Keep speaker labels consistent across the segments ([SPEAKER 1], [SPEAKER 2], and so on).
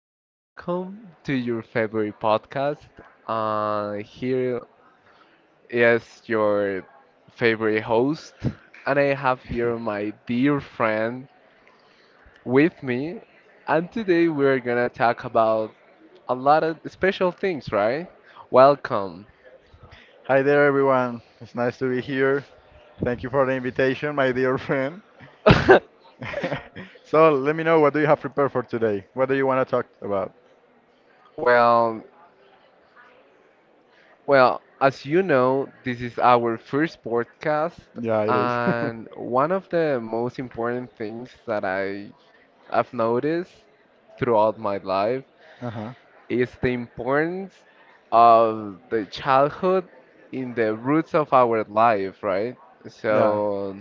[SPEAKER 1] welcome to your favorite podcast. Here is your favorite host, and I have here my dear friend with me. And today we're gonna talk about a lot of special things, right? Welcome.
[SPEAKER 2] Hi there, everyone. It's nice to be here. Thank you for the invitation, my dear friend. So let me know, what do you have prepared for today? What do you want to talk about?
[SPEAKER 1] Well, well, as you know, this is our first podcast,
[SPEAKER 2] Yeah, it is.
[SPEAKER 1] and one of the most important things that I've noticed throughout my life
[SPEAKER 2] Uh-huh.
[SPEAKER 1] is the importance of the childhood in the roots of our life, right?
[SPEAKER 2] Yeah.
[SPEAKER 1] So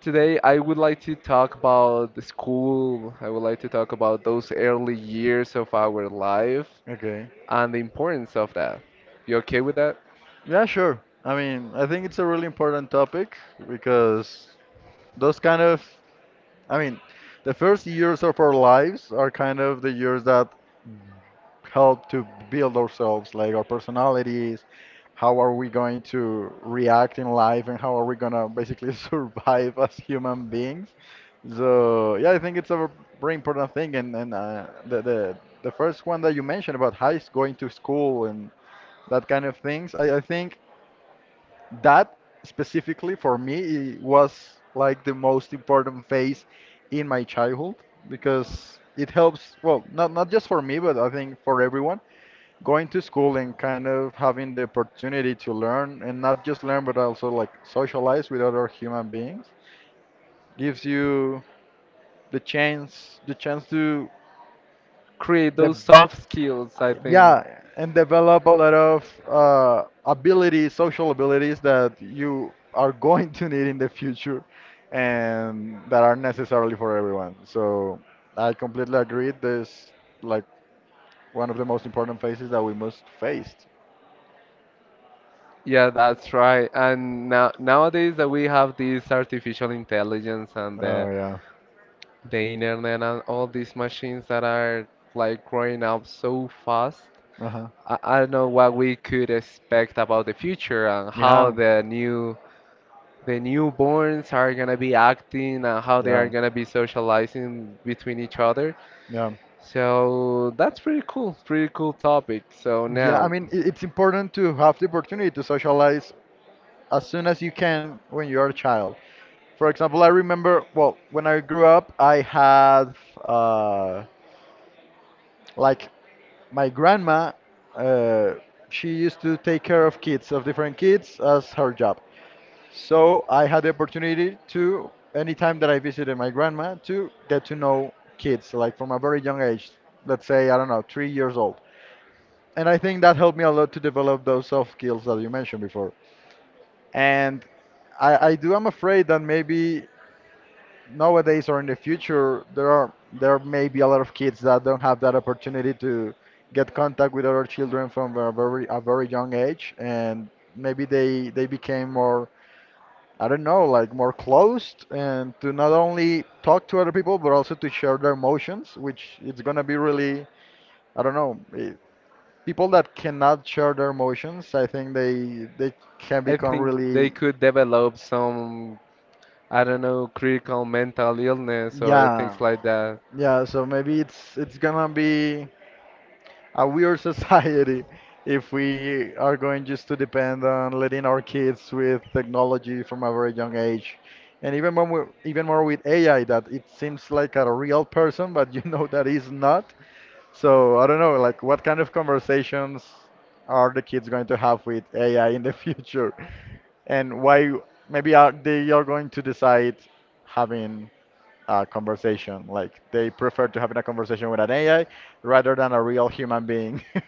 [SPEAKER 1] today I would like to talk about the school. I would like to talk about those early years of our life
[SPEAKER 2] Okay.
[SPEAKER 1] and the importance of that. You okay with that?
[SPEAKER 2] Yeah, sure. I mean, I think it's a really important topic because those kind of, I mean, the first years of our lives are kind of the years that help to build ourselves, like our personalities, how are we going to react in life, and how are we gonna basically survive as human beings. So yeah, I think it's a very important thing, and the the first one that you mentioned about going to school and that kind of things, I think that specifically for me it was like the most important phase in my childhood because it helps, well, not just for me but I think for everyone, going to school and kind of having the opportunity to learn, and not just learn but also like socialize with other human beings, gives you the chance to
[SPEAKER 1] Create
[SPEAKER 2] de-
[SPEAKER 1] those soft skills, I think.
[SPEAKER 2] yeah, and develop a lot of abilities, social abilities, that you are going to need in the future and that are necessarily for everyone. So I completely agree, this like one of the most important phases that we must face.
[SPEAKER 1] Yeah, that's right. And now nowadays that we have this artificial intelligence and
[SPEAKER 2] Oh
[SPEAKER 1] the
[SPEAKER 2] yeah.
[SPEAKER 1] the internet and all these machines that are like growing up so fast.
[SPEAKER 2] Uh-huh.
[SPEAKER 1] I don't know what we could expect about the future and how
[SPEAKER 2] Yeah.
[SPEAKER 1] the new the newborns are gonna be acting and how they are
[SPEAKER 2] Yeah,
[SPEAKER 1] gonna be socializing between each other.
[SPEAKER 2] yeah,
[SPEAKER 1] So that's pretty cool, pretty cool topic. So
[SPEAKER 2] yeah. I
[SPEAKER 1] now
[SPEAKER 2] mean, it's important to have the opportunity to socialize as soon as you can when you're a child. For example, I remember, well, when I grew up, I had uh, like my grandma. Uh, she used to take care of kids, of different kids, as her job. So I had the opportunity to, anytime that I visited my grandma, to get to know kids, like from a very young age. Let's say, I don't know, 3 years old. And I think that helped me a lot to develop those soft skills that you mentioned before. And I do am afraid that maybe nowadays or in the future there are, there may be a lot of kids that don't have that opportunity to get contact with other children from a very young age, and maybe they became more, I don't know, like more closed, and to not only talk to other people but also to share their emotions, which it's gonna be really, I don't know, people that cannot share their emotions, I think they can
[SPEAKER 1] I
[SPEAKER 2] become
[SPEAKER 1] think they
[SPEAKER 2] really,
[SPEAKER 1] could develop some, I don't know, critical mental illness or
[SPEAKER 2] yeah,
[SPEAKER 1] things like that.
[SPEAKER 2] yeah. So maybe it's gonna be a weird society if we are going just to depend on letting our kids with technology from a very young age, and even more with AI, that it seems like a real person, but you know that is not. So I don't know, like what kind of conversations are the kids going to have with AI in the future? And why maybe are going to decide having a conversation, like they prefer to having a conversation with an AI rather than a real human being.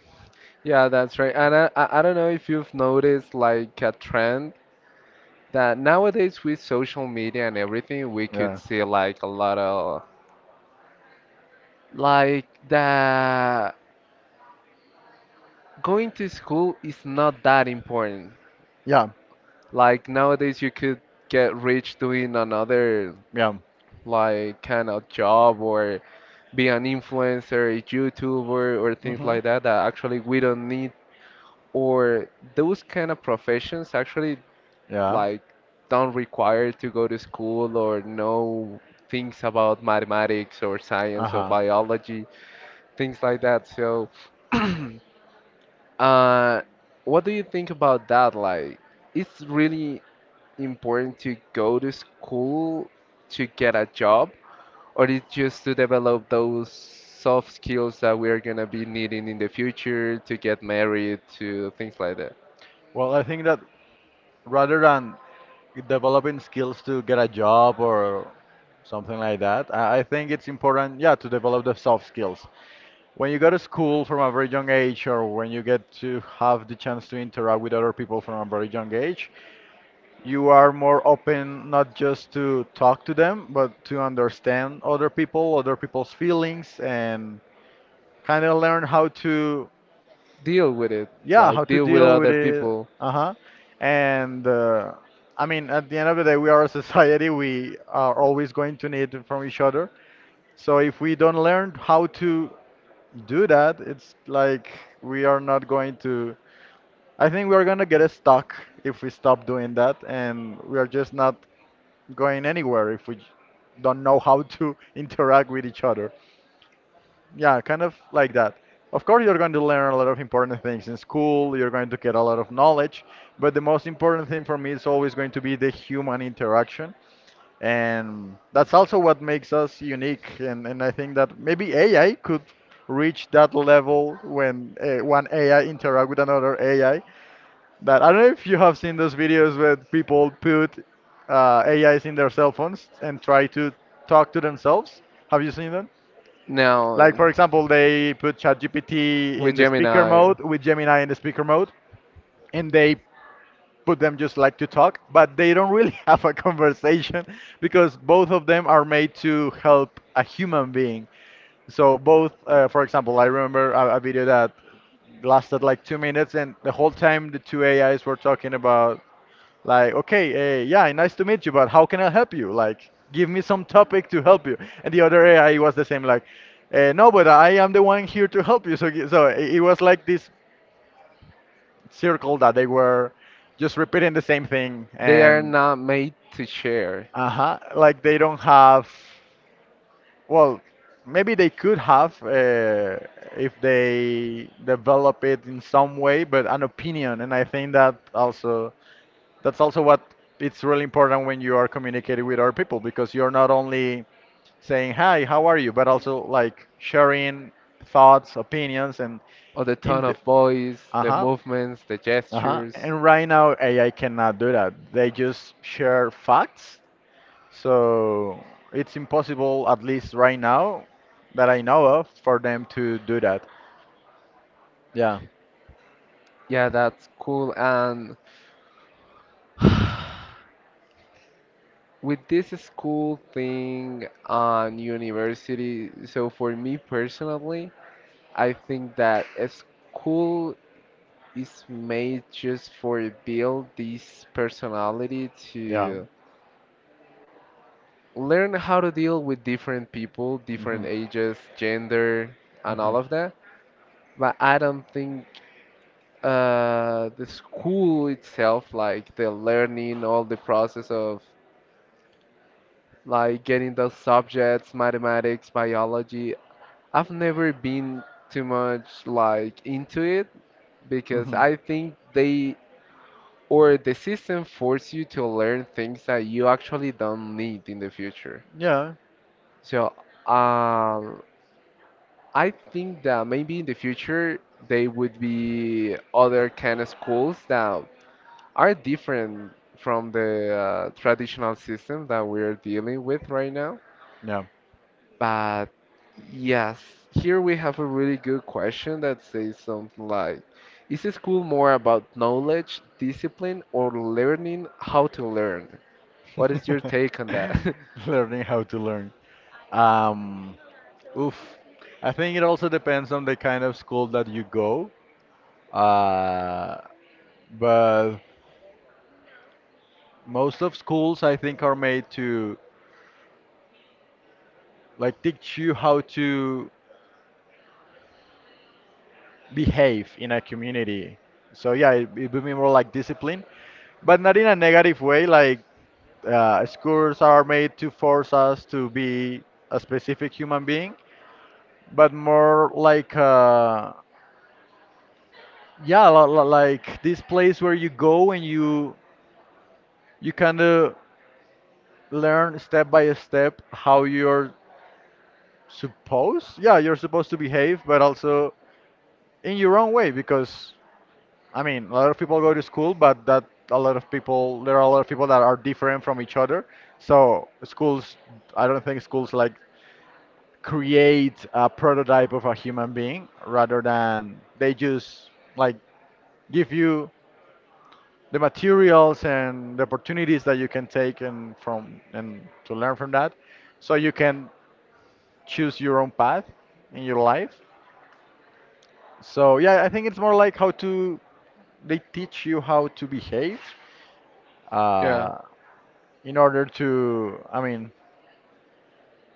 [SPEAKER 1] Yeah, that's right. And I don't know if you've noticed like a trend that nowadays with social media and everything, we could
[SPEAKER 2] Yeah.
[SPEAKER 1] see like a lot of like that going to school is not that important.
[SPEAKER 2] Yeah.
[SPEAKER 1] Like nowadays you could get rich doing another
[SPEAKER 2] Yeah.
[SPEAKER 1] like kind of job or be an influencer, a YouTuber or things
[SPEAKER 2] Hmm.
[SPEAKER 1] like that that actually we don't need or those kind of professions actually
[SPEAKER 2] Yeah.
[SPEAKER 1] like don't require to go to school or know things about mathematics or science or
[SPEAKER 2] Uh-huh.
[SPEAKER 1] biology, things like that. So, uh, what do you think about that? Like, it's really important to go to school to get a job, or it's just to develop those soft skills that we're gonna be needing in the future to get married, to things like that.
[SPEAKER 2] Well, I think that rather than developing skills to get a job or something like that, I think it's important, yeah, to develop the soft skills. When you go to school from a very young age, or when you get to have the chance to interact with other people from a very young age, you are more open, not just to talk to them, but to understand other people, other people's feelings, and kind of learn how to,
[SPEAKER 1] Deal with it,
[SPEAKER 2] yeah, how
[SPEAKER 1] like
[SPEAKER 2] to
[SPEAKER 1] deal with
[SPEAKER 2] deal with
[SPEAKER 1] other
[SPEAKER 2] it.
[SPEAKER 1] people
[SPEAKER 2] Uh-huh. And I mean, at the end of the day, we are a society. We are always going to need it from each other. So if we don't learn how to do that, it's like we are not going to. I think we are gonna get stuck if we stop doing that, and we are just not going anywhere if we don't know how to interact with each other. Yeah, kind of like that. Of course, you're going to learn a lot of important things in school, you're going to get a lot of knowledge, but the most important thing for me is always going to be the human interaction. And that's also what makes us unique. And I think that maybe AI could reach that level when one AI interact with another AI. That I don't know if you have seen those videos where people put AIs in their cell phones and try to talk to themselves. Have you seen them?
[SPEAKER 1] now.
[SPEAKER 2] Like for example, they put ChatGPT
[SPEAKER 1] With
[SPEAKER 2] in the speaker
[SPEAKER 1] Gemini.
[SPEAKER 2] mode with Gemini in the speaker mode, and they put them just like to talk, but they don't really have a conversation because both of them are made to help a human being. So both, for example, I remember a video that lasted like 2 minutes, and the whole time the two AIs were talking about, like, okay, yeah, nice to meet you, but how can I help you? Like, give me some topic to help you. And the other AI was the same, like, no, but I am the one here to help you. So, so it was like this circle that they were just repeating the same thing,
[SPEAKER 1] They are
[SPEAKER 2] and
[SPEAKER 1] not made to share.
[SPEAKER 2] uh-huh, like they don't have, well, maybe they could have, if they develop it in some way, but an opinion. And I think that also, that's also what it's really important when you are communicating with other people, because you're not only saying hi, how are you, but also like sharing thoughts, opinions, and,
[SPEAKER 1] Or the
[SPEAKER 2] in
[SPEAKER 1] tone
[SPEAKER 2] the,
[SPEAKER 1] of voice, the
[SPEAKER 2] uh-huh.
[SPEAKER 1] movements, the
[SPEAKER 2] Uh-huh,
[SPEAKER 1] gestures.
[SPEAKER 2] and right now AI cannot do that, they just share facts. So it's impossible, at least right now that I know of, for them to do that. Yeah.
[SPEAKER 1] Yeah, that's cool. And with this school thing on university, so for me personally, I think that a school is made just for build this personality
[SPEAKER 2] Yeah.
[SPEAKER 1] to learn how to deal with different people,
[SPEAKER 2] Hmm.
[SPEAKER 1] different ages, gender, and
[SPEAKER 2] Hmm.
[SPEAKER 1] all of that. But I don't think the school itself, like the learning, all the process of like getting those subjects, mathematics, biology, I've never been too much like into it because
[SPEAKER 2] Hmm.
[SPEAKER 1] I think they or the system force you to learn things that you actually don't need in the future.
[SPEAKER 2] Yeah.
[SPEAKER 1] So, um, I think that maybe in the future they would be other kind of schools that are different from the traditional system that we're dealing with right now.
[SPEAKER 2] Yeah.
[SPEAKER 1] But yes, here we have a really good question that says something like, is school more about knowledge, discipline, or learning how to learn? What is your take on that?
[SPEAKER 2] Learning how to learn. Um, Oof. I think it also depends on the kind of school that you go. Uh, but most of schools, I think, are made to like teach you how to behave in a community. So yeah, it would be more like discipline, but not in a negative way. Like schools are made to force us to be a specific human being, but more like yeah, like this place where you go and you kind of learn step by step how you're supposed, yeah, you're supposed to behave, but also in your own way, because I mean a lot of people go to school, but that, a lot of people, there are a lot of people that are different from each other. So schools, I don't think schools like create a prototype of a human being, rather than they just, like, give you the materials and the opportunities that you can take and from and to learn from that, so you can choose your own path in your life. So yeah, I think it's more like how to, they teach you how to behave,
[SPEAKER 1] Yeah.
[SPEAKER 2] uh, in order to, I mean,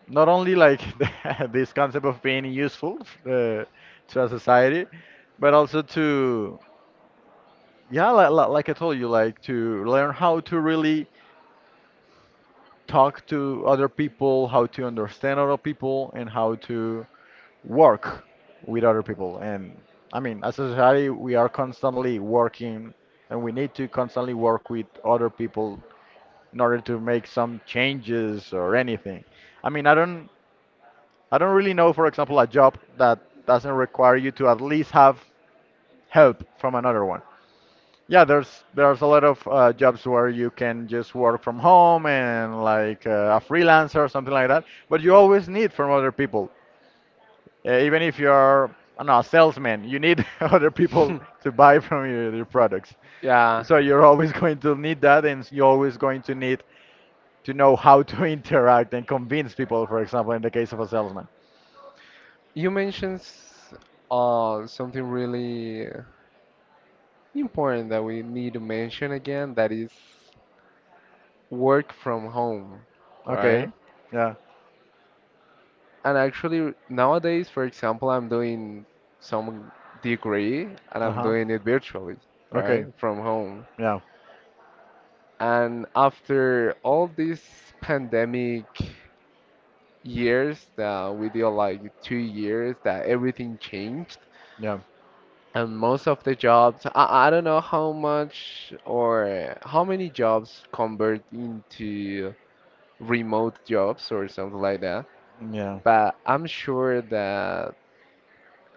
[SPEAKER 2] not only like the, this concept of being useful, uh, to a society, but also to, yeah, like I told you, like to learn how to really talk to other people, how to understand other people, and how to work with other people. And I mean, as a society, we are constantly working, and we need to constantly work with other people in order to make some changes or anything. I mean, I don't really know, for example, a job that doesn't require you to at least have help from another one. Yeah, there's a lot of jobs where you can just work from home and like a freelancer or something like that, but you always need from other people. Even if you're, I don't know, a salesman, you need other people to buy from you your products.
[SPEAKER 1] Yeah.
[SPEAKER 2] So you're always going to need that, and you're always going to need to know how to interact and convince people. For example, in the case of a salesman.
[SPEAKER 1] You mentioned s- something really important that we need to mention again, that is work from home, right?
[SPEAKER 2] Okay. Yeah.
[SPEAKER 1] And actually, nowadays, for example, I'm doing some degree and
[SPEAKER 2] Uh
[SPEAKER 1] I'm
[SPEAKER 2] huh.
[SPEAKER 1] doing it virtually,
[SPEAKER 2] Okay.
[SPEAKER 1] right? From home.
[SPEAKER 2] Yeah.
[SPEAKER 1] And after all these pandemic years that we did like 2 years that everything changed
[SPEAKER 2] Yeah.
[SPEAKER 1] and most of the jobs, I don't know how much or how many jobs convert into remote jobs or something like that,
[SPEAKER 2] Yeah.
[SPEAKER 1] but I'm sure that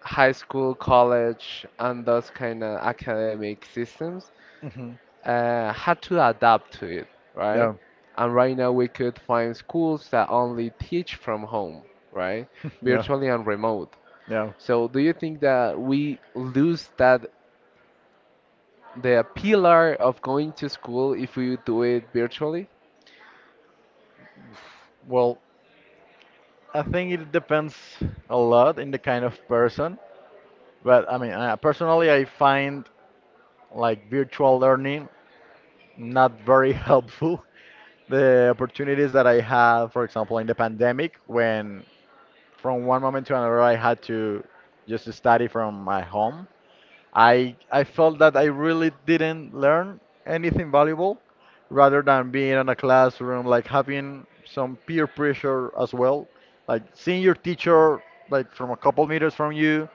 [SPEAKER 1] high school, college, and those kind of academic systems
[SPEAKER 2] Hmm.
[SPEAKER 1] had to adapt to it, right?
[SPEAKER 2] Yeah.
[SPEAKER 1] And right now we could find schools that only teach from home, right?
[SPEAKER 2] Yeah.
[SPEAKER 1] Virtually and remote.
[SPEAKER 2] Yeah.
[SPEAKER 1] So do you think that we lose that the pillar of going to school if we do it virtually?
[SPEAKER 2] Well, I think it depends a lot in the kind of person. But I mean, personally, I find like virtual learning not very helpful. The opportunities that I had, for example, in the pandemic, when from one moment to another I had to just study from my home, I felt that I really didn't learn anything valuable, rather than being in a classroom, like having some peer pressure as well, like seeing your teacher like from a couple meters from you,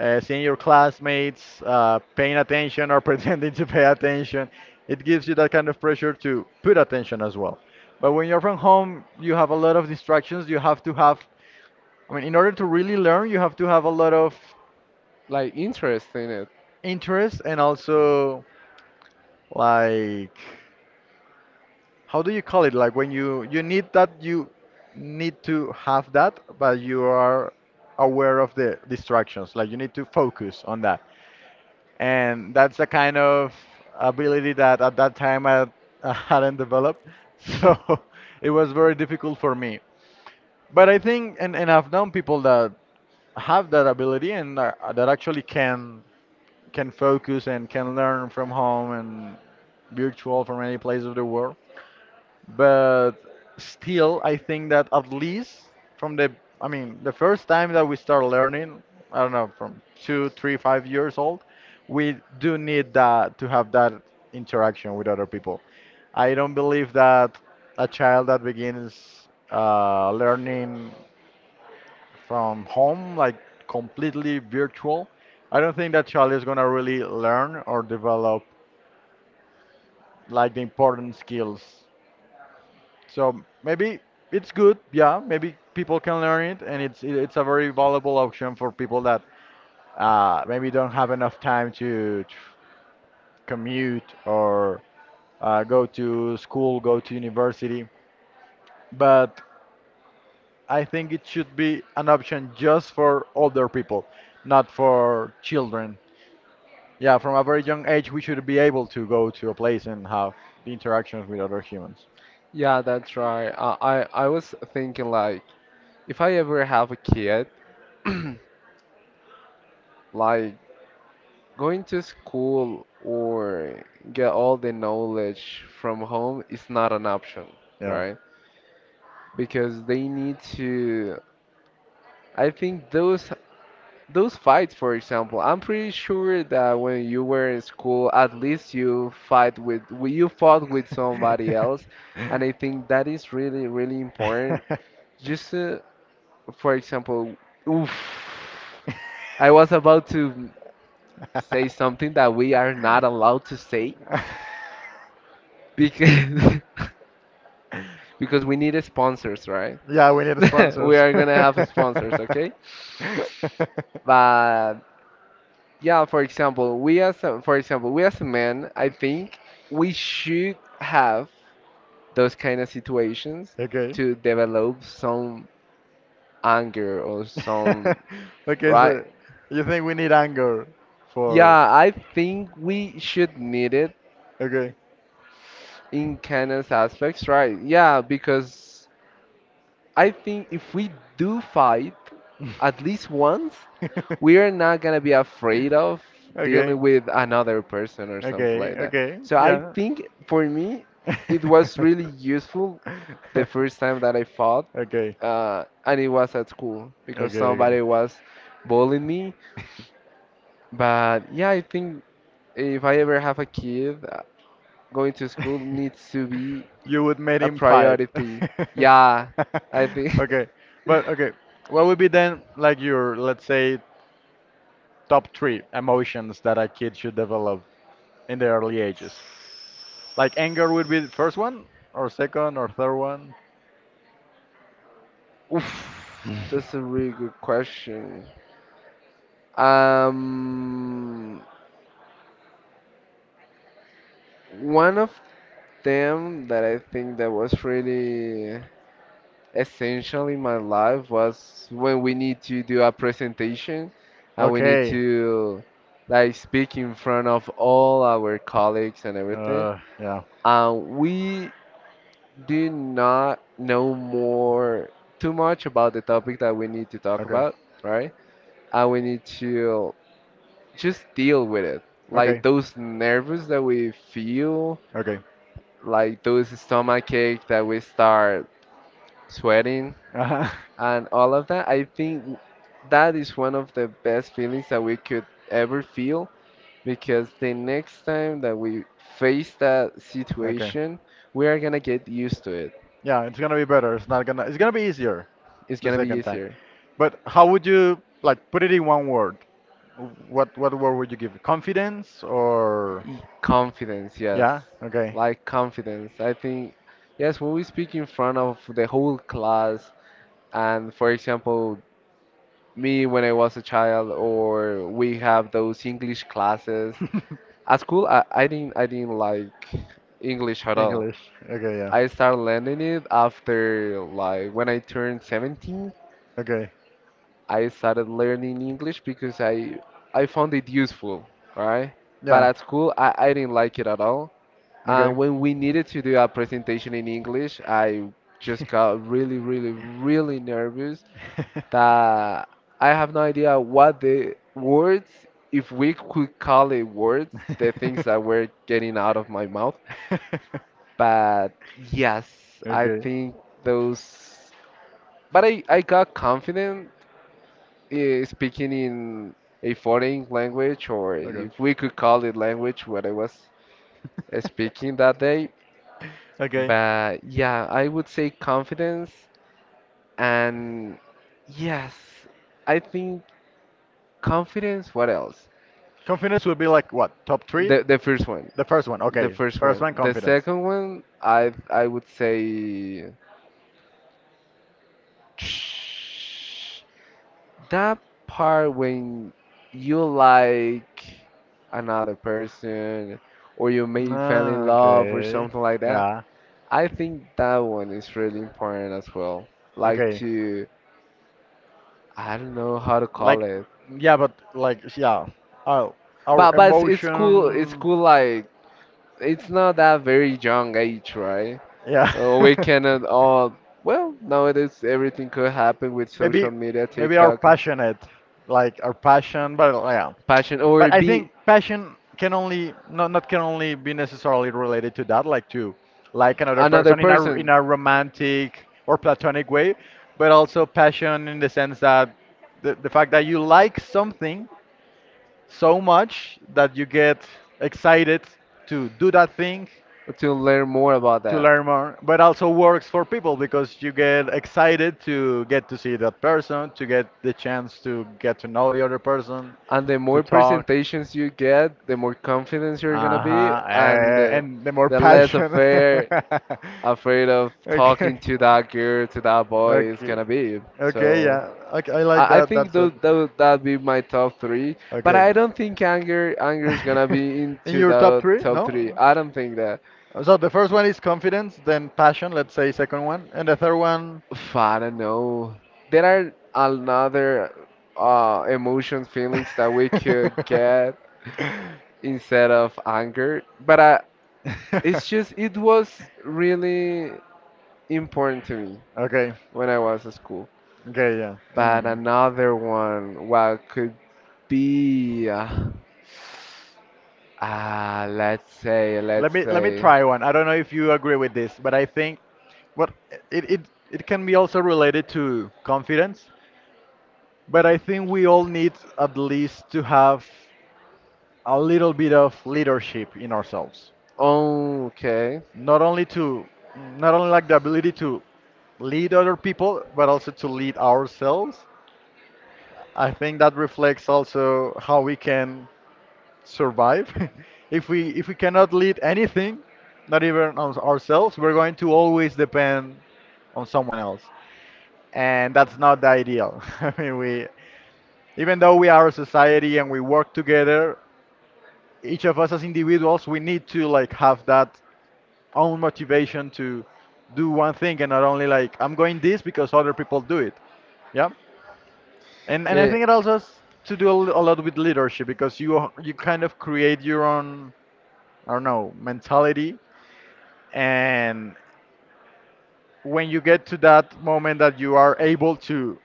[SPEAKER 2] seeing your classmates paying attention or pretending to pay attention, it gives you that kind of pressure to put attention as well. But when you're from home, you have a lot of distractions. You have to have, I mean, in order to really learn, you have to have a lot of
[SPEAKER 1] Like interest in it.
[SPEAKER 2] interest and also like, how do you call it? Like when you need that, you need to have that, but you are aware of the distractions. Like you need to focus on that. And that's the kind of ability that at that time I, I hadn't developed. So it was very difficult for me. But I think, and I've known people that have that ability and that actually can focus and can learn from home and virtual from any place of the world. But still, I think that at least from the, I mean, the first time that we start learning, I don't know, from 2, 3, 5 years old, we do need that to have that interaction with other people. I don't believe that a child that begins learning from home, like completely virtual, I don't think that child is going to really learn or develop like the important skills. So maybe it's good, yeah. Maybe people can learn it, and it's a very valuable option for people that maybe don't have enough time to commute or go to school, go to university. But I think it should be an option just for older people, not for children. Yeah, from a very young age, we should be able to go to a place and have the interactions with other humans.
[SPEAKER 1] Yeah, that's right. I was thinking like if I ever have a kid, like going to school or get all the knowledge from home is not an option,
[SPEAKER 2] Yeah.
[SPEAKER 1] right? Because they need to. I think those fights, for example, I'm pretty sure that when you were in school, at least you fought with somebody else, and I think that is really really important. Just to, for example, oof, I was about to say something that we are not allowed to say because because we need sponsors, right?
[SPEAKER 2] Yeah, we need
[SPEAKER 1] We
[SPEAKER 2] sponsors.
[SPEAKER 1] are gonna have sponsors, okay? But yeah, for example, for example, we as a man, I think we should have those kind of situations
[SPEAKER 2] Okay.
[SPEAKER 1] to develop some anger or some
[SPEAKER 2] Okay,
[SPEAKER 1] right.
[SPEAKER 2] so you think we need anger for.
[SPEAKER 1] Yeah, I think we should need it
[SPEAKER 2] Okay.
[SPEAKER 1] in kind of aspects, right? Yeah, because I think if we do fight at least once we're not gonna be afraid of
[SPEAKER 2] Okay.
[SPEAKER 1] dealing with another person or something
[SPEAKER 2] Okay.
[SPEAKER 1] like that.
[SPEAKER 2] Okay.
[SPEAKER 1] So I
[SPEAKER 2] Yeah.
[SPEAKER 1] think for me, it was really useful the first time that I fought,
[SPEAKER 2] Okay.
[SPEAKER 1] and it was at school
[SPEAKER 2] Okay.
[SPEAKER 1] because
[SPEAKER 2] Okay.
[SPEAKER 1] somebody was bullying me. But yeah, I think if I ever have a kid, going to school needs to be
[SPEAKER 2] You would make
[SPEAKER 1] a
[SPEAKER 2] him fight.
[SPEAKER 1] priority. Yeah, I think.
[SPEAKER 2] Okay. But okay. What would be then like your, let's say, top three emotions that a kid should develop in the early ages? Like anger would be the first one, or second, or third one?
[SPEAKER 1] That's a really good question. Um, One of them that I think that was really essential in my life was when we need to do a presentation and we need
[SPEAKER 2] Okay.
[SPEAKER 1] to like speak in front of all our colleagues and everything.
[SPEAKER 2] Yeah.
[SPEAKER 1] And we do not know more too much about the topic that we need to talk
[SPEAKER 2] Okay.
[SPEAKER 1] about, right? And we need to just deal with it. Like
[SPEAKER 2] Okay.
[SPEAKER 1] those nerves that we feel,
[SPEAKER 2] Okay.
[SPEAKER 1] like those stomach ache that we start sweating,
[SPEAKER 2] Uh-huh.
[SPEAKER 1] and all of that. I think that is one of the best feelings that we could ever feel because the next time that we face that
[SPEAKER 2] Okay.
[SPEAKER 1] situation, we are gonna get used to it.
[SPEAKER 2] Yeah, it's gonna be better. It's not gonna. It's gonna be easier
[SPEAKER 1] It's
[SPEAKER 2] the
[SPEAKER 1] gonna be
[SPEAKER 2] second time.
[SPEAKER 1] easier.
[SPEAKER 2] But how would you like put it in one word? What word would you give? Confidence or?
[SPEAKER 1] Confidence,
[SPEAKER 2] Yeah.
[SPEAKER 1] yes.
[SPEAKER 2] Okay.
[SPEAKER 1] Like confidence. I think, yes, when we speak in front of the whole class, and for example, me when I was a child, or we have those English classes at school, I didn't like English at all.
[SPEAKER 2] English. Okay. Yeah.
[SPEAKER 1] I started learning it after like when I turned 17.
[SPEAKER 2] Okay.
[SPEAKER 1] I started learning English because I found it useful, right? But
[SPEAKER 2] Yeah.
[SPEAKER 1] at school, I didn't like it at all.
[SPEAKER 2] Okay.
[SPEAKER 1] And when we needed to do a presentation in English, I just got really, really, really nervous that I have no idea what the words, if we could call it words, the things that were getting out of my mouth. But yes, I
[SPEAKER 2] Okay.
[SPEAKER 1] think those. But I got confident speaking in a foreign language, or
[SPEAKER 2] Okay.
[SPEAKER 1] if we could call it language, what I was speaking that day.
[SPEAKER 2] Okay.
[SPEAKER 1] But yeah, I would say confidence. And yes, I think confidence, what else?
[SPEAKER 2] Confidence would be like what? Top three?
[SPEAKER 1] The first one.
[SPEAKER 2] The first one.
[SPEAKER 1] The
[SPEAKER 2] Okay.
[SPEAKER 1] first
[SPEAKER 2] First
[SPEAKER 1] one.
[SPEAKER 2] one,
[SPEAKER 1] The
[SPEAKER 2] confidence.
[SPEAKER 1] second one, I would say. That part when you like another person or you may fell in
[SPEAKER 2] Ah,
[SPEAKER 1] love or
[SPEAKER 2] okay.
[SPEAKER 1] something like that,
[SPEAKER 2] Yeah.
[SPEAKER 1] I think that one is really important as well. Like
[SPEAKER 2] Okay.
[SPEAKER 1] to, I don't know how to call
[SPEAKER 2] Like,
[SPEAKER 1] it,
[SPEAKER 2] yeah, but like, yeah. Our,
[SPEAKER 1] but
[SPEAKER 2] our
[SPEAKER 1] but it's cool. It's
[SPEAKER 2] emotion.
[SPEAKER 1] cool. Like it's not that very young age, right?
[SPEAKER 2] Yeah.
[SPEAKER 1] We cannot all. Well, nowadays everything could happen with
[SPEAKER 2] maybe,
[SPEAKER 1] social media,
[SPEAKER 2] maybe our
[SPEAKER 1] TikTok,
[SPEAKER 2] passionate. Like our passion, but yeah.
[SPEAKER 1] passion, or
[SPEAKER 2] But I
[SPEAKER 1] be
[SPEAKER 2] think passion can only not not can only be necessarily related to that, like to like another
[SPEAKER 1] another
[SPEAKER 2] person in a in
[SPEAKER 1] person.
[SPEAKER 2] a romantic or platonic way, but also passion in the sense that the fact that you like something so much that you get excited to do that thing
[SPEAKER 1] To learn more about
[SPEAKER 2] to
[SPEAKER 1] that.
[SPEAKER 2] learn more, but also works for people because you get excited to get to see that person, to get the chance to get to know the other person,
[SPEAKER 1] And the
[SPEAKER 2] to
[SPEAKER 1] more
[SPEAKER 2] talk.
[SPEAKER 1] presentations you get, the more confidence you're gonna
[SPEAKER 2] Uh-huh.
[SPEAKER 1] be, and
[SPEAKER 2] Uh, and the more
[SPEAKER 1] the less
[SPEAKER 2] passion.
[SPEAKER 1] afraid of
[SPEAKER 2] Okay.
[SPEAKER 1] talking to that girl, to that boy is
[SPEAKER 2] Okay.
[SPEAKER 1] gonna be.
[SPEAKER 2] Okay,
[SPEAKER 1] So
[SPEAKER 2] yeah. Okay, I like
[SPEAKER 1] I
[SPEAKER 2] that.
[SPEAKER 1] think
[SPEAKER 2] That's it.
[SPEAKER 1] those that'd be my top three. But
[SPEAKER 2] Okay.
[SPEAKER 1] I don't think anger is gonna be
[SPEAKER 2] In
[SPEAKER 1] into
[SPEAKER 2] your top
[SPEAKER 1] the
[SPEAKER 2] three?
[SPEAKER 1] top three.
[SPEAKER 2] No?
[SPEAKER 1] I don't think that.
[SPEAKER 2] So the first one is confidence, then passion, let's say second one, and the third one.
[SPEAKER 1] I don't know. There are another emotions, feelings that we could get instead of anger, but I, it's just it was really important to me
[SPEAKER 2] Okay.
[SPEAKER 1] when I was at school.
[SPEAKER 2] Okay, yeah.
[SPEAKER 1] But
[SPEAKER 2] In.
[SPEAKER 1] another one, what could be? Ah,
[SPEAKER 2] Let
[SPEAKER 1] let's
[SPEAKER 2] me let me
[SPEAKER 1] say.
[SPEAKER 2] try one. I don't know if you agree with this, but I think what it it, it can be also related to confidence. But I think we all need at least to have a little bit of leadership in ourselves.
[SPEAKER 1] Oh, okay.
[SPEAKER 2] Not only to not only like the ability to lead other people, but also to lead ourselves. I think that reflects also how we can survive. If we cannot lead anything, not even on ourselves, we're going to always depend on someone else, and that's not the ideal. I mean, we even though we are a society and we work together, each of us as individuals, we need to like have that own motivation to do one thing and not only like I'm going this because other people do it. Yeah. And I
[SPEAKER 1] Yeah,
[SPEAKER 2] think it also has to do a lot with leadership because you kind of create your own I don't know, mentality. And when you get to that moment that you are able to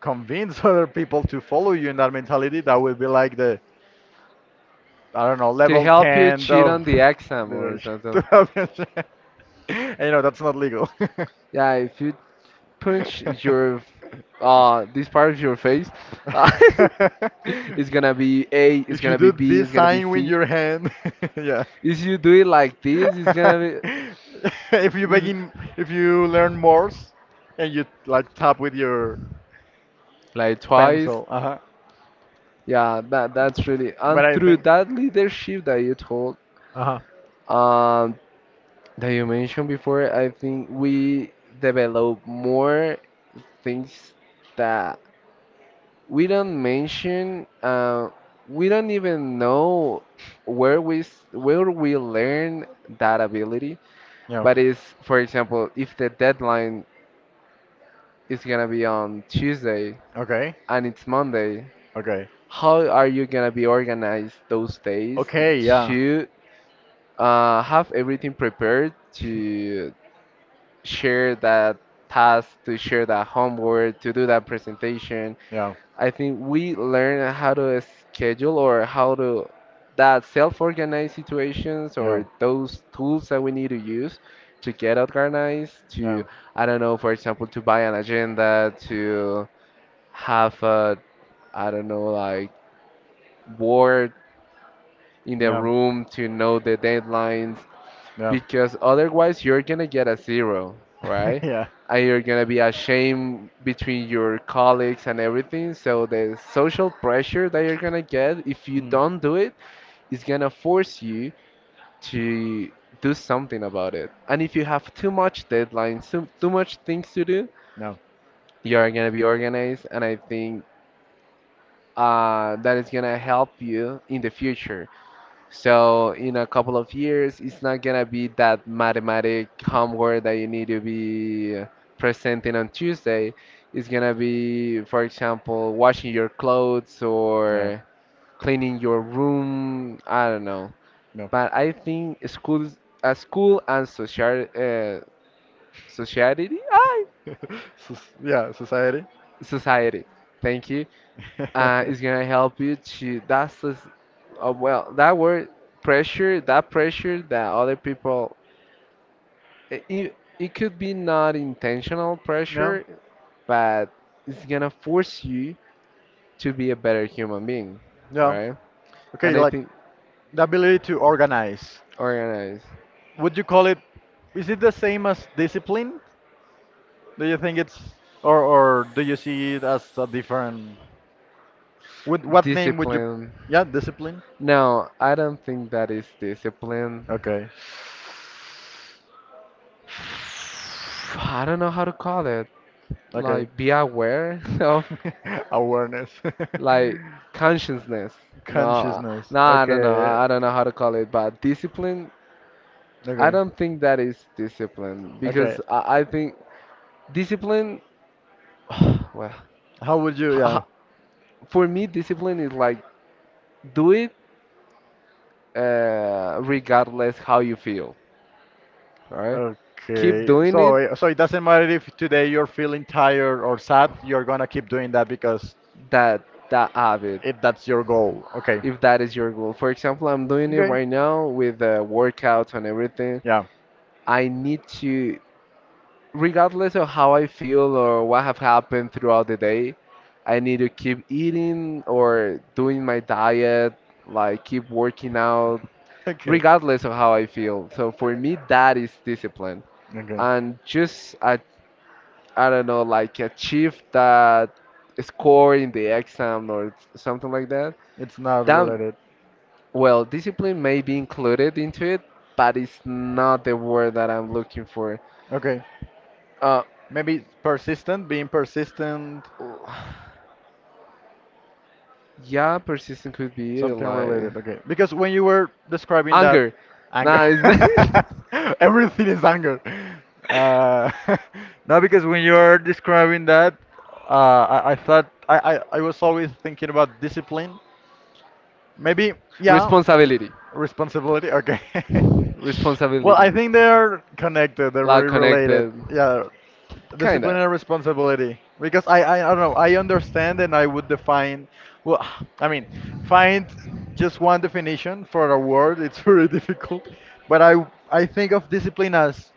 [SPEAKER 2] convince other people to follow you in that mentality, that will be like the, I don't know,
[SPEAKER 1] to
[SPEAKER 2] level
[SPEAKER 1] help you
[SPEAKER 2] 10
[SPEAKER 1] cheat
[SPEAKER 2] of
[SPEAKER 1] on the exam or
[SPEAKER 2] leadership.
[SPEAKER 1] something.
[SPEAKER 2] And you know, that's not legal.
[SPEAKER 1] Yeah, if you punch your this part of your face, uh, it's gonna be A, it's
[SPEAKER 2] If you
[SPEAKER 1] gonna be
[SPEAKER 2] do
[SPEAKER 1] B,
[SPEAKER 2] this
[SPEAKER 1] it's gonna be
[SPEAKER 2] sign with
[SPEAKER 1] C.
[SPEAKER 2] your hand, yeah.
[SPEAKER 1] If you do it like this, it's gonna
[SPEAKER 2] if you
[SPEAKER 1] be
[SPEAKER 2] begin, if you learn Morse and you like tap with your
[SPEAKER 1] like twice.
[SPEAKER 2] pencil. Uh huh.
[SPEAKER 1] Yeah, that's really and
[SPEAKER 2] But I
[SPEAKER 1] through
[SPEAKER 2] think.
[SPEAKER 1] that leadership that you told,
[SPEAKER 2] Uh huh.
[SPEAKER 1] um, that you mentioned before, I think we develop more things that we don't mention we don't even know where we learn that ability,
[SPEAKER 2] Yeah.
[SPEAKER 1] but it's, for example, if the deadline is gonna be on Tuesday
[SPEAKER 2] Okay.
[SPEAKER 1] and it's Monday,
[SPEAKER 2] Okay.
[SPEAKER 1] how are you gonna be organized those days
[SPEAKER 2] Okay. Yeah.
[SPEAKER 1] to have everything prepared to share that task, to share that homework, to do that presentation.
[SPEAKER 2] Yeah.
[SPEAKER 1] I think we learn how to schedule or how to, that self-organize situations
[SPEAKER 2] Yeah.
[SPEAKER 1] or those tools that we need to use to get organized, to,
[SPEAKER 2] No.
[SPEAKER 1] I don't know, for example, to buy an agenda, to have a, I don't know, like board in the
[SPEAKER 2] No.
[SPEAKER 1] room to know the deadlines,
[SPEAKER 2] No.
[SPEAKER 1] because otherwise you're gonna get a zero, right?
[SPEAKER 2] Yeah.
[SPEAKER 1] And you're gonna be ashamed between your colleagues and everything. So the social pressure that you're gonna get if you
[SPEAKER 2] Mm.
[SPEAKER 1] don't do it is gonna force you to do something about it. And if you have too much deadlines, too much things to do,
[SPEAKER 2] No.
[SPEAKER 1] you're gonna be organized, and I think that is gonna help you in the future. So in a couple of years, it's not gonna be that mathematic homework that you need to be presenting on Tuesday. It's gonna be, for example, washing your clothes
[SPEAKER 2] No.
[SPEAKER 1] or cleaning your room. I don't know.
[SPEAKER 2] No.
[SPEAKER 1] But I think schools, school and social, society,
[SPEAKER 2] Yeah. Society.
[SPEAKER 1] society. Thank you. Is gonna help you to. That's the well, that word pressure that other people it could be not intentional
[SPEAKER 2] No.
[SPEAKER 1] pressure, but it's gonna force you to be a better human being,
[SPEAKER 2] No.
[SPEAKER 1] right?
[SPEAKER 2] Okay.
[SPEAKER 1] And I
[SPEAKER 2] Like
[SPEAKER 1] think
[SPEAKER 2] the ability to organize.
[SPEAKER 1] organize,
[SPEAKER 2] Would you call it? Is it the same as discipline? Do you think it's or do you see it as a different? Would what name would you?
[SPEAKER 1] discipline.
[SPEAKER 2] Yeah. Discipline.
[SPEAKER 1] No, I don't think that is discipline.
[SPEAKER 2] Okay.
[SPEAKER 1] I don't know how to call it.
[SPEAKER 2] Okay.
[SPEAKER 1] Like be aware of,
[SPEAKER 2] Awareness.
[SPEAKER 1] like, consciousness. No,
[SPEAKER 2] Consciousness.
[SPEAKER 1] no, I don't know.
[SPEAKER 2] Okay.
[SPEAKER 1] I don't know how to call it, but discipline. I
[SPEAKER 2] Okay.
[SPEAKER 1] don't think that is discipline because
[SPEAKER 2] Okay.
[SPEAKER 1] I think discipline well,
[SPEAKER 2] How would you,
[SPEAKER 1] h-
[SPEAKER 2] yeah.
[SPEAKER 1] h- for me, discipline is like do it regardless how you feel. All right, keep
[SPEAKER 2] Okay.
[SPEAKER 1] doing
[SPEAKER 2] So,
[SPEAKER 1] it.
[SPEAKER 2] uh, so it doesn't matter if today you're feeling tired or sad, you're gonna keep doing that because
[SPEAKER 1] That that habit,
[SPEAKER 2] if that's your goal. Okay.
[SPEAKER 1] if that is your goal. For example, I'm doing it
[SPEAKER 2] Okay.
[SPEAKER 1] right now with workouts and everything.
[SPEAKER 2] Yeah.
[SPEAKER 1] I need to, regardless of how I feel or what have happened throughout the day, I need to keep eating or doing my diet, like keep working out,
[SPEAKER 2] Okay.
[SPEAKER 1] regardless of how I feel. So for me, that is discipline.
[SPEAKER 2] Okay.
[SPEAKER 1] And just I don't know, like achieve that score in the exam or something like that.
[SPEAKER 2] It's not
[SPEAKER 1] That,
[SPEAKER 2] related.
[SPEAKER 1] well, discipline may be included into it, but it's not the word that I'm looking for.
[SPEAKER 2] Okay.
[SPEAKER 1] Uh,
[SPEAKER 2] Maybe persistent, being persistent.
[SPEAKER 1] yeah, persistent could be
[SPEAKER 2] Something
[SPEAKER 1] like
[SPEAKER 2] related, okay. Because when you were describing that
[SPEAKER 1] anger.
[SPEAKER 2] anger,
[SPEAKER 1] Nah, it's not.
[SPEAKER 2] everything is anger. Uh, no, because when you're describing that, I thought I was always thinking about discipline. Maybe, yeah,
[SPEAKER 1] Responsibility,
[SPEAKER 2] responsibility. Okay. Well,
[SPEAKER 1] responsibility,
[SPEAKER 2] I think they're connected. They're
[SPEAKER 1] like
[SPEAKER 2] very related.
[SPEAKER 1] connected,
[SPEAKER 2] Yeah, discipline
[SPEAKER 1] kinda,
[SPEAKER 2] and responsibility. Because I don't know. I understand, and I would define. Well, I mean, find just one definition for a word. It's very difficult. But I think of discipline as,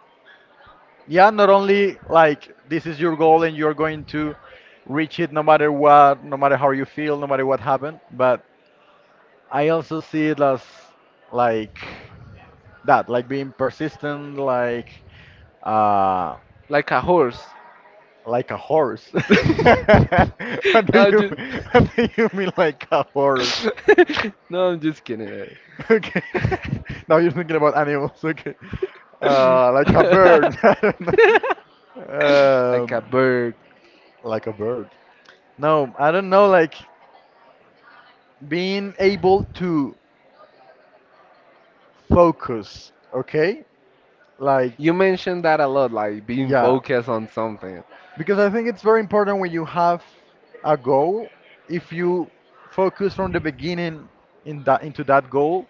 [SPEAKER 2] yeah, not only like this is your goal and you're going to reach it no matter what, no matter how you feel, no matter what happened, but I also see it as like that, like being persistent, uh,
[SPEAKER 1] like a horse.
[SPEAKER 2] like a horse. What do
[SPEAKER 1] I'm
[SPEAKER 2] you
[SPEAKER 1] just.
[SPEAKER 2] what do you mean like a horse?
[SPEAKER 1] No, I'm just kidding.
[SPEAKER 2] Okay. Now you're thinking about animals. Okay. Like a bird. I don't know.
[SPEAKER 1] Like a
[SPEAKER 2] Um,
[SPEAKER 1] bird.
[SPEAKER 2] like a bird. No, I don't know. Like being able to focus. Okay. Like
[SPEAKER 1] You mentioned that a lot, like being
[SPEAKER 2] yeah.
[SPEAKER 1] focused on something.
[SPEAKER 2] Because I think it's very important when you have a goal, if you focus from the beginning in that into that goal,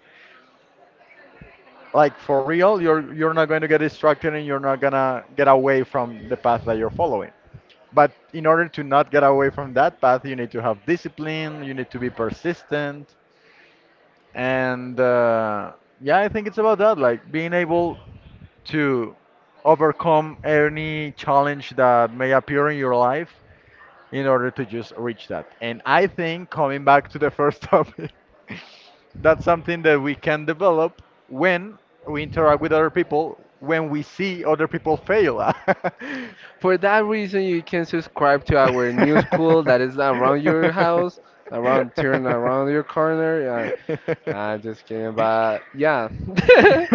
[SPEAKER 2] like for real, you're not going to get distracted and you're not gonna get away from the path that you're following. But in order to not get away from that path, you need to have discipline, you need to be persistent, and yeah, I think it's about that, like being able to overcome any challenge that may appear in your life in order to just reach that. And I think coming back to the first topic, that's something that we can develop when we interact with other people, when we see other people fail.
[SPEAKER 1] For that reason, you can subscribe to our new school that is around your house, around, turn around your corner. And just kidding, but yeah.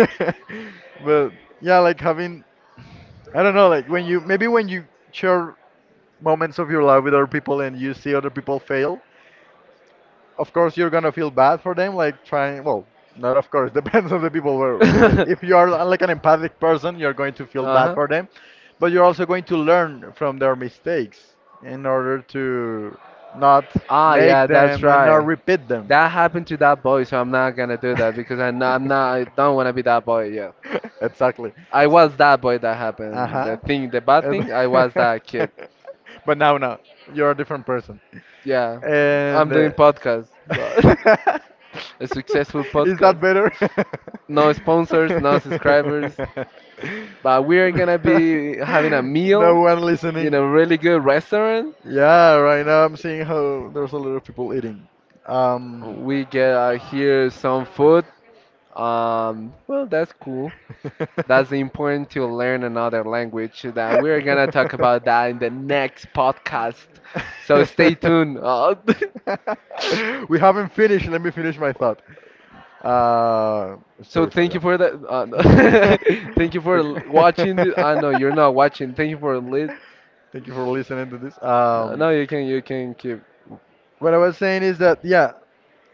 [SPEAKER 2] But yeah, like having I don't know, like when you maybe when you share moments of your life with other people and you see other people fail, of course you're gonna feel bad for them, like trying. Well, not of course, depends on the people where, but
[SPEAKER 1] Uh
[SPEAKER 2] if you are like an empathic person you're going to feel bad
[SPEAKER 1] huh.
[SPEAKER 2] for them, but you're also going to learn from their mistakes in order to not
[SPEAKER 1] Ah,
[SPEAKER 2] make
[SPEAKER 1] yeah, that's
[SPEAKER 2] them and not
[SPEAKER 1] right.
[SPEAKER 2] repeat them.
[SPEAKER 1] That happened to that boy, so I'm not gonna do that because I'm not, I don't wanna be that boy. Yeah,
[SPEAKER 2] Exactly.
[SPEAKER 1] I
[SPEAKER 2] So-
[SPEAKER 1] was that boy that happened.
[SPEAKER 2] uh-huh.
[SPEAKER 1] The thing, the bad thing, I was that kid.
[SPEAKER 2] But now you're a different person.
[SPEAKER 1] Yeah, I'm
[SPEAKER 2] And
[SPEAKER 1] doing podcast, a successful
[SPEAKER 2] is
[SPEAKER 1] podcast.
[SPEAKER 2] that better?
[SPEAKER 1] No sponsors, no subscribers, but we are gonna be having a
[SPEAKER 2] No
[SPEAKER 1] meal
[SPEAKER 2] one
[SPEAKER 1] in
[SPEAKER 2] listening.
[SPEAKER 1] a really good restaurant.
[SPEAKER 2] Yeah, right now I'm seeing how there's a lot of people eating. Um,
[SPEAKER 1] We get here some food. Well, that's cool. That's important to learn another language. That we're gonna talk about that in the next podcast. So stay tuned.
[SPEAKER 2] we haven't finished. Let me finish my thought.
[SPEAKER 1] So
[SPEAKER 2] Story four,
[SPEAKER 1] thank you
[SPEAKER 2] yeah.
[SPEAKER 1] for the. No. Thank you for
[SPEAKER 2] Okay.
[SPEAKER 1] watching. The, no, you're not watching. Thank you for lit.
[SPEAKER 2] Thank you for listening to this.
[SPEAKER 1] No, no, you can keep.
[SPEAKER 2] What I was saying is that yeah,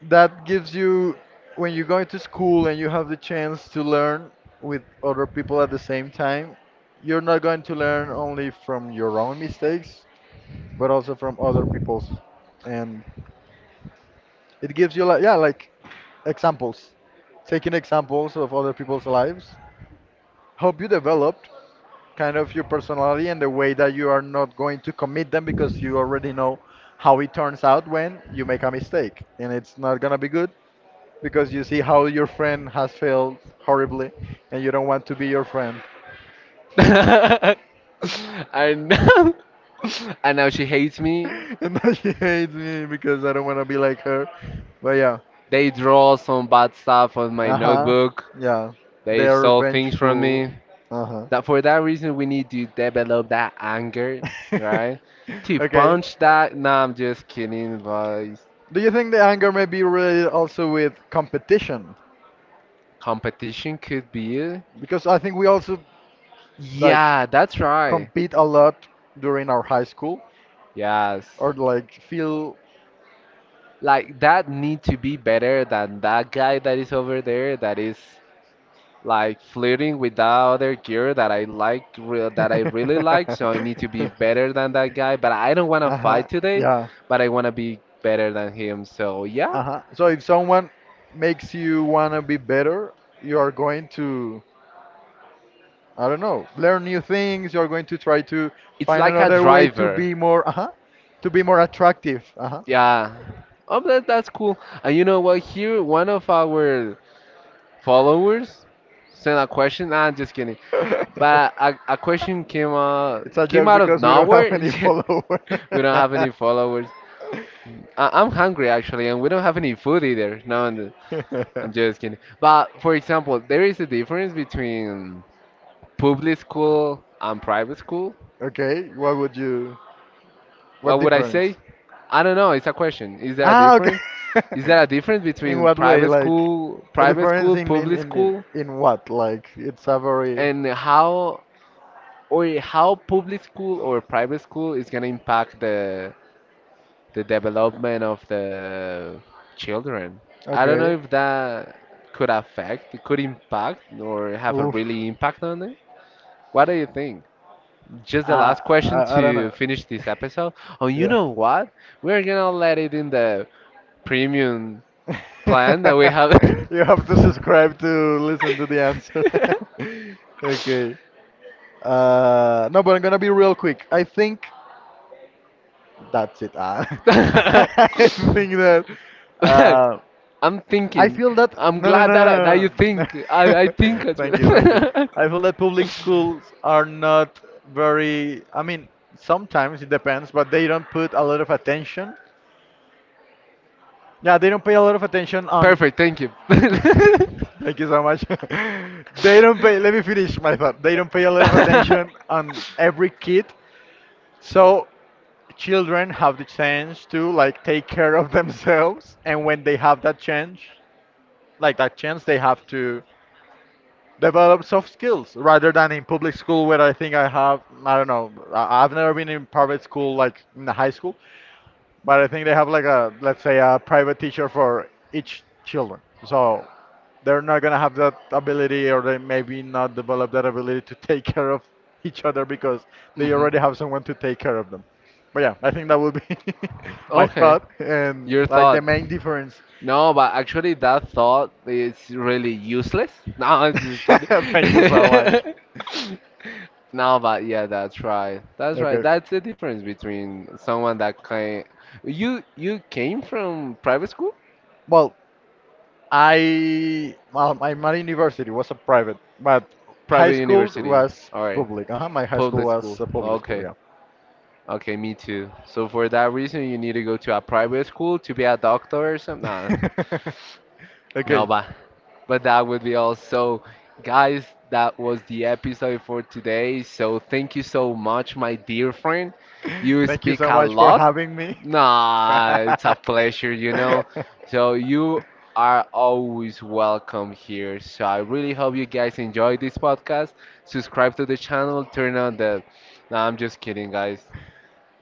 [SPEAKER 2] that gives you when you're going to school and you have the chance to learn with other people at the same time, you're not going to learn only from your own mistakes, but also from other people's. And it gives you like yeah, like examples, taking examples of other people's lives, hope you developed kind of your personality and the way that you are not going to commit them because you already know how it turns out when you make a mistake and it's not gonna be good because you see how your friend has failed horribly and you don't want to be your friend.
[SPEAKER 1] And now, and now she hates me.
[SPEAKER 2] And now she hates me because I don't want to be like her, but yeah.
[SPEAKER 1] They draw some bad stuff on my
[SPEAKER 2] Uh-huh.
[SPEAKER 1] notebook.
[SPEAKER 2] Yeah,
[SPEAKER 1] They
[SPEAKER 2] they're
[SPEAKER 1] stole things from
[SPEAKER 2] vengeful.
[SPEAKER 1] me.
[SPEAKER 2] Uh-huh.
[SPEAKER 1] That for that reason we need to develop that anger, right? To
[SPEAKER 2] Okay.
[SPEAKER 1] punch that. No, I'm just kidding. But
[SPEAKER 2] Do you think the anger may be related also with competition?
[SPEAKER 1] competition could be it.
[SPEAKER 2] Because I think we also like
[SPEAKER 1] Yeah, that's right.
[SPEAKER 2] compete a lot during our high school
[SPEAKER 1] Yes.
[SPEAKER 2] or like feel.
[SPEAKER 1] Like that need to be better than that guy that is over there that is like flirting with that other girl that I like re that I really like. So I need to be better than that guy. But I don't want to
[SPEAKER 2] Uh-huh.
[SPEAKER 1] fight today.
[SPEAKER 2] Yeah.
[SPEAKER 1] But I want to be better than him. So yeah,
[SPEAKER 2] Uh-huh. So if someone makes you wanna be better, you are going to, I don't know, learn new things, you're going to try to
[SPEAKER 1] it's
[SPEAKER 2] find
[SPEAKER 1] like a
[SPEAKER 2] another way to
[SPEAKER 1] driver.
[SPEAKER 2] be more, uh-huh, to be more attractive. Uh-huh.
[SPEAKER 1] Yeah. Oh, that, that's cool. And you know what? Here, one of our followers sent a question. Nah, I'm just kidding. But a, question came
[SPEAKER 2] It's a
[SPEAKER 1] came
[SPEAKER 2] joke
[SPEAKER 1] out of
[SPEAKER 2] because we don't have
[SPEAKER 1] nowhere.
[SPEAKER 2] any follower.
[SPEAKER 1] Yeah. We don't have any followers. I, I'm hungry actually, and we don't have any food either. No, I'm just kidding. But for example, there is a difference between public school and private school.
[SPEAKER 2] Okay, what would you? What
[SPEAKER 1] What would I say?
[SPEAKER 2] difference?
[SPEAKER 1] I don't know. It's a question. Is there a
[SPEAKER 2] Ah, okay.
[SPEAKER 1] difference? Is there a difference
[SPEAKER 2] In
[SPEAKER 1] between
[SPEAKER 2] what way?
[SPEAKER 1] private
[SPEAKER 2] Like
[SPEAKER 1] school,
[SPEAKER 2] a difference in in
[SPEAKER 1] public
[SPEAKER 2] in in
[SPEAKER 1] school,
[SPEAKER 2] in what? Like it's a very
[SPEAKER 1] and how or how public school or private school is gonna impact the development of the children? I don't know
[SPEAKER 2] okay.
[SPEAKER 1] if that could affect, could impact, or have a
[SPEAKER 2] Oof.
[SPEAKER 1] really impact on it. What do you think? Just the
[SPEAKER 2] I
[SPEAKER 1] last question
[SPEAKER 2] I don't
[SPEAKER 1] to
[SPEAKER 2] know.
[SPEAKER 1] finish this episode. Oh, you
[SPEAKER 2] Yeah.
[SPEAKER 1] know what? We're gonna let it in the premium plan that we have.
[SPEAKER 2] You have to subscribe to listen to the answer. Okay. No, but I'm gonna be real quick. I think. That's it. Ah. I think that uh,
[SPEAKER 1] I'm
[SPEAKER 2] I
[SPEAKER 1] thinking.
[SPEAKER 2] feel that
[SPEAKER 1] I'm
[SPEAKER 2] no, no, no,
[SPEAKER 1] glad that
[SPEAKER 2] no,
[SPEAKER 1] that you
[SPEAKER 2] no.
[SPEAKER 1] think.
[SPEAKER 2] No.
[SPEAKER 1] I think as
[SPEAKER 2] Thank you, thank you.
[SPEAKER 1] well.
[SPEAKER 2] I feel that public schools are not very. I mean, sometimes it depends, but they don't put a lot of attention. Yeah, they don't pay a lot of attention on.
[SPEAKER 1] Perfect. Thank you.
[SPEAKER 2] Thank you so much. They don't pay. Let me finish my thought. They don't pay a lot of attention on every kid. So children have the chance to like take care of themselves, and when they have that chance, they have to develop soft skills rather than in public school, where I think, I don't know, I've never been in private school like in the high school, but I think they have like a, let's say, a private teacher for each children. So they're not gonna have that ability, or they maybe not develop that ability to take care of each other because they
[SPEAKER 1] Mhm.
[SPEAKER 2] already have someone to take care of them. But yeah, I think that would be my
[SPEAKER 1] Okay.
[SPEAKER 2] thought and
[SPEAKER 1] Your
[SPEAKER 2] like the
[SPEAKER 1] thought.
[SPEAKER 2] main difference.
[SPEAKER 1] No, but actually that thought is really useless. No, I'm just kidding.
[SPEAKER 2] Thank you so much.
[SPEAKER 1] No, but yeah, that's right. That's right.
[SPEAKER 2] Okay.
[SPEAKER 1] That's the difference between someone that came. You came from private school?
[SPEAKER 2] Well, my university was a private, but high
[SPEAKER 1] Private
[SPEAKER 2] school
[SPEAKER 1] university.
[SPEAKER 2] was
[SPEAKER 1] All right.
[SPEAKER 2] public. Uh-huh, my high school
[SPEAKER 1] Public
[SPEAKER 2] was
[SPEAKER 1] school.
[SPEAKER 2] a public school.
[SPEAKER 1] Okay.
[SPEAKER 2] Yeah.
[SPEAKER 1] Okay, me too. So for that reason, you need to go to a private school to be a doctor or something. Nah. No,
[SPEAKER 2] Okay.
[SPEAKER 1] but that would be all. So, guys, that was the episode for today. So, thank you so much, my dear friend. You
[SPEAKER 2] Thank you
[SPEAKER 1] speak
[SPEAKER 2] so
[SPEAKER 1] a
[SPEAKER 2] much for
[SPEAKER 1] lot.
[SPEAKER 2] having me.
[SPEAKER 1] Nah, it's a pleasure, you know. So, you are always welcome here. So, I really hope you guys enjoy this podcast. Subscribe to the channel, turn on the. Nah, I'm just kidding, guys.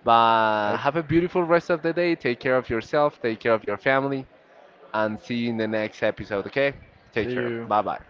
[SPEAKER 1] But
[SPEAKER 2] Okay.
[SPEAKER 1] have a beautiful rest of the day. Take care of yourself, take care of your family, and see you in the next episode, okay? Take
[SPEAKER 2] See
[SPEAKER 1] care.
[SPEAKER 2] you.
[SPEAKER 1] Bye bye.